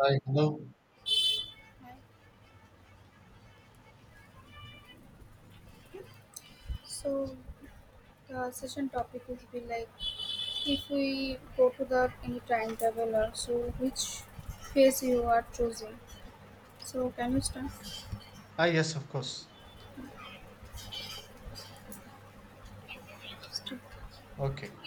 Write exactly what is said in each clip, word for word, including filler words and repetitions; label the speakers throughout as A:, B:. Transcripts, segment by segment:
A: Hi, hello.
B: Right. So the session topic would be like if we go to the any time traveler, so which phase you are choosing? So can you start?
A: Ah, yes, of course. Okay,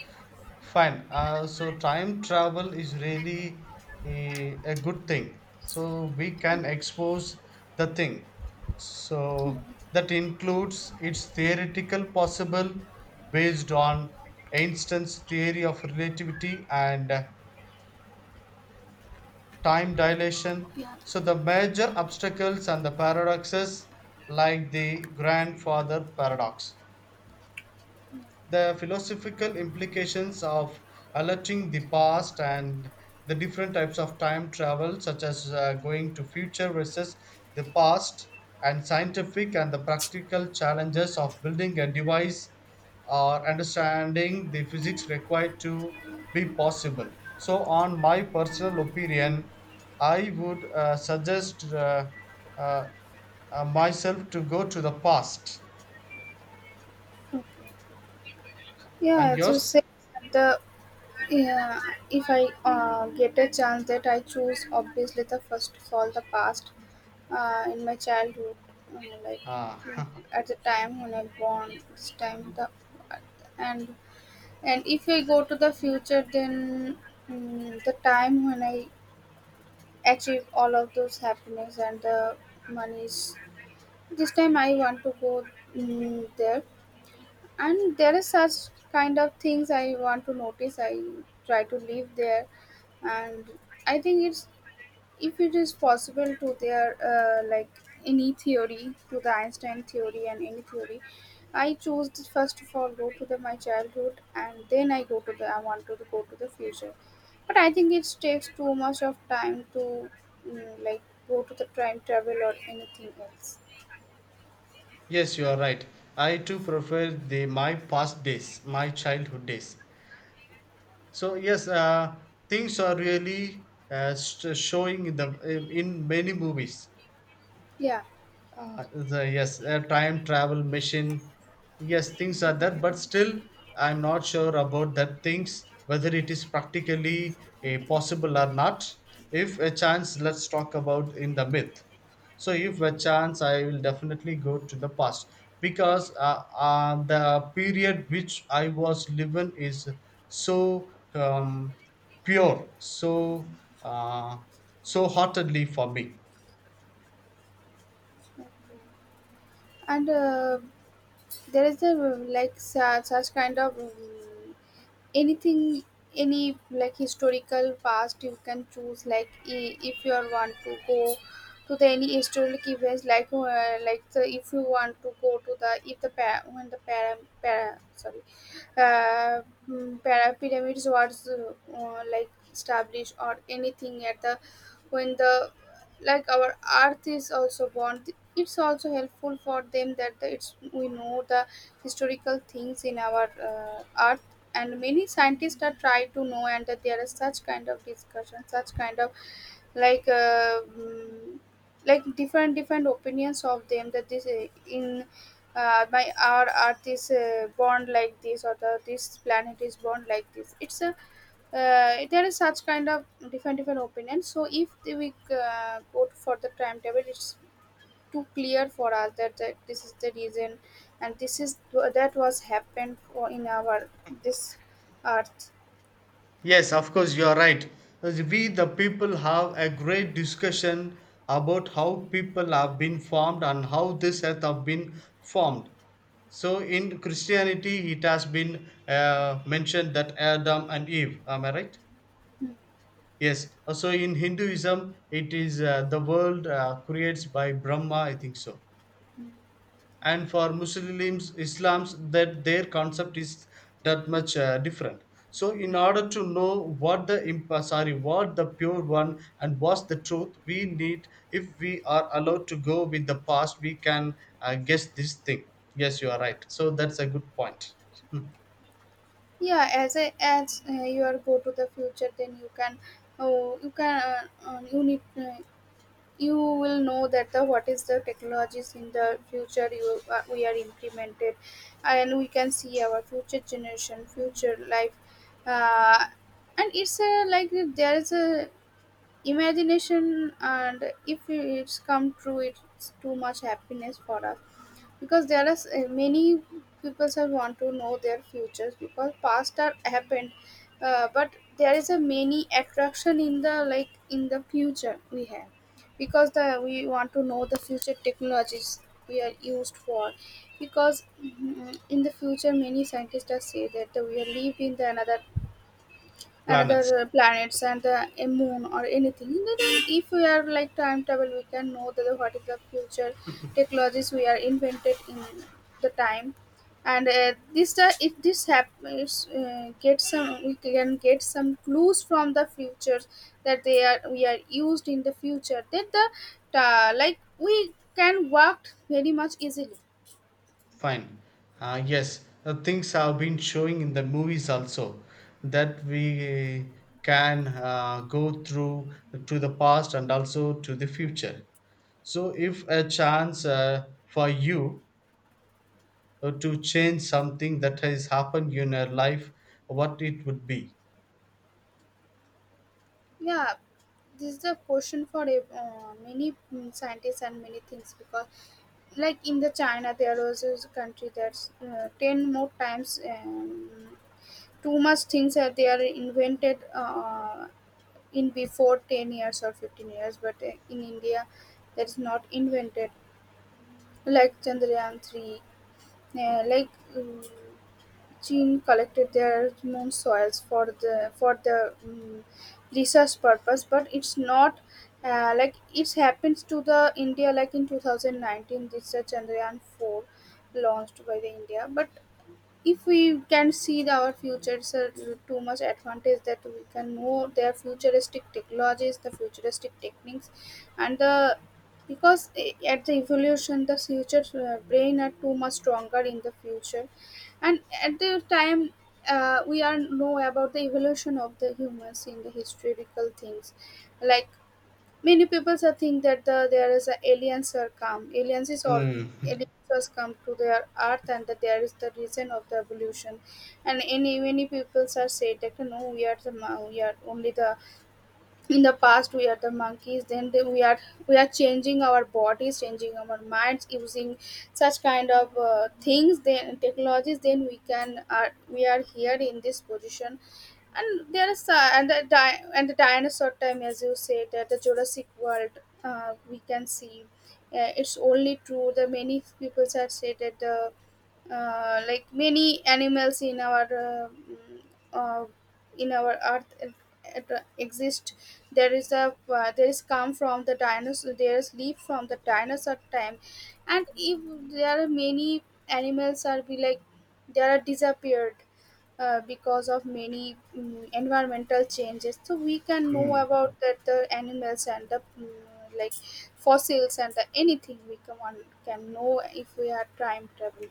A: fine. Uh, so time travel is really a, a good thing. So we can expose the thing. So that includes its theoretical possible based on Einstein's theory of relativity and uh, time dilation.
B: Yeah.
A: So the major obstacles and the paradoxes like the grandfather paradox, the philosophical implications of alerting the past, and the different types of time travel, such as uh, going to future versus the past, and scientific and the practical challenges of building a device or understanding the physics required to be possible. So on my personal opinion, I would uh, suggest uh, uh, uh, myself to go to the past. And
B: Yeah, so
A: yours?
B: say the yeah, if I uh, get a chance that I choose obviously the first of all the past uh, in my childhood, uh,
A: Ah.
B: like at the time when I born, this time the and And if I go to the future, then mm, the time when I achieve all of those happiness and the monies, this time I want to go mm, there. And there is such kind of things I want to notice. I try to live there, and I think it's if it is possible to their uh, like any theory to the einstein theory and any theory I choose the first of all go to the my childhood and then i go to the I want to go to the future, but I think it takes too much of time to mm, like go to the time travel or anything else.
A: Yes, you are right. I too prefer the my past days, my childhood days. So yes, uh, things are really uh, st- showing in the in many movies,
B: Yeah,
A: uh, the, yes, a time travel machine. Yes, things are there, but still I'm not sure about that things, whether it is practically a possible or not. If a chance, let's talk about in the myth. So if a chance, I will definitely go to the past, because uh, uh, the period which I was living is so um, pure, so uh, so heartedly for me.
B: and uh, there is a uh, like such, such kind of um, anything, any like historical past you can choose like i- if you are want to go to the any historic events like uh, like the, if you want to go to the if the pa- when the para, para sorry uh, mm, para pyramids was uh, uh, like established or anything at the when the like our earth is also born. It's also helpful for them that the, it's we know the historical things in our uh, earth. And many scientists are try to know and that there is such kind of discussion, such kind of like uh, mm, like different different opinions of them that this uh, in uh, my our earth is uh, born like this, or the this planet is born like this. It's a uh, There is such kind of different different opinions, so if we uh, go for the timetable, it's too clear for us that, that this is the reason, and this is that was happened for in our this earth.
A: Yes, of course, you are right. As we, the people, have a great discussion about how people have been formed and how this earth have been formed. So, in Christianity, it has been uh, mentioned that Adam and Eve. Am I right? Yes. So, in Hinduism, it is uh, the world uh, creates by Brahma, I think so. And for Muslims, Islams, that their concept is that much uh, different. So in order to know what the imp- uh, sorry, what the pure one and what's the truth, we need, if we are allowed to go with the past, we can uh, guess this thing. Yes, you are right, so that's a good point. Hmm.
B: Yeah, as a as uh, you are go to the future, then you can oh you can uh, uh, you need uh, you will know that the what is the technologies in the future you uh, we are implemented, and we can see our future generation future life. Uh, and it's a, like There is a imagination, and if it's come true, it's too much happiness for us, because there are s- uh, many people who want to know their futures, because past are happened. Uh, but there is a many attraction in the like in the future we have, because the we want to know the future technologies we are used for, because mm, in the future many scientists are say that we will live in the another
A: Planets.
B: another uh, planets and uh, a moon or anything. Then if we are like time travel, we can know that what is the future technologies we are invented in the time. And uh, this uh, if this happens, uh, get some we can get some clues from the futures that they are we are used in the future, that the uh, like we can work very much easily.
A: Fine. Uh, yes, uh, things have been showing in the movies also, that we can uh, go through to the past and also to the future. So, if a chance uh, for you uh, to change something that has happened in your life, what it would be?
B: Yeah, this is a question for ev- uh, many mm, scientists and many things, because like in the china there was a country that's uh, ten more times, um, too much things are they are invented uh, in before ten years or fifteen years, but uh, in india that is not invented, like chandrayaan three. uh, like um, Qin collected their known soils for the for the mm, research purpose, but it's not uh, like it's happens to the India like in two thousand nineteen research Chandrayaan four launched by the India. But if we can see the- our future is a too much advantage that we can know their futuristic technologies, the futuristic techniques, and the because eh, at the evolution the future uh, brain are too much stronger in the future. And at the time uh, we are know about the evolution of the humans in the historical things, like many people so think that the, there is a aliens are come. Aliens is all
A: Mm.
B: Aliens has come to their earth, and that there is the reason of the evolution. And any many people are say that no, we are the mon- we are only the in the past we are the monkeys. Then they, we are we are changing our bodies, changing our minds using such kind of uh, things. Then technologies. Then we can are We are here in this position. And there is uh, and the di- and the dinosaur time, as you said, that the jurassic world uh, we can see uh, it's only true the many people have said that the uh, like many animals in our uh, mm, uh, in our earth uh, uh, exist. there is a uh, there is come from the dinosaur, there is leap from the dinosaur time. And if there are many animals are be like, they are disappeared, uh, because of many mm, environmental changes. So we can know
A: Mm.
B: about that the animals and the mm, like fossils and the anything we can, one can know, if we are time travel.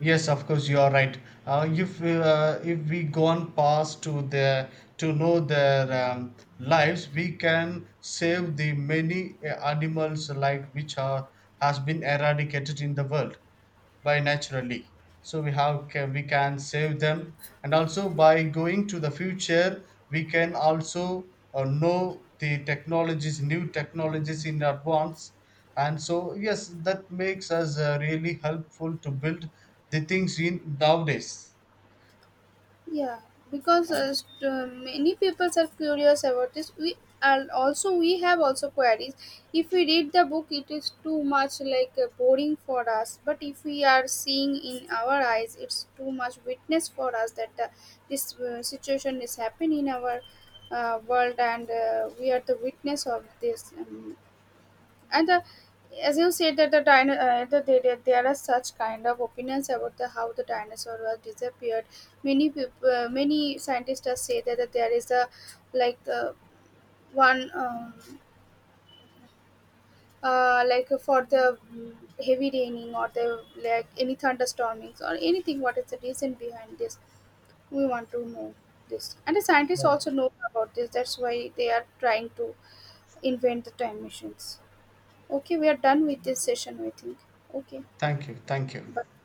A: Yes, of course, you are right. Uh, if uh, if we go on past to their to know their um, lives, we can save the many uh, animals like which are has been eradicated in the world by naturally, so we have ca- we can save them. And also by going to the future, we can also uh, know the technologies, new technologies, in advance. And so yes, that makes us uh, really helpful to build the things in nowadays.
B: Yeah, because uh, st- uh, many people are curious about this. We, and also we have also queries. If we read the book, it is too much like uh, boring for us. But if we are seeing in our eyes, it's too much witness for us that uh, this uh, situation is happening in our uh, world, and uh, we are the witness of this. Um, and the, as you said that the dino, uh, the, there the- there are such kind of opinions about the how the dinosaur was disappeared. Many people uh, many scientists have said that, that there is a like the one um, uh, like uh, for the mm, heavy raining or the like any thunderstormings or anything. What is the reason behind this? We want to know this. And the scientists also
A: Well,
B: know about this, that's why they are trying to invent the time machines. Okay, we are done with this session, I think. Okay,
A: thank you, thank you.
B: bye.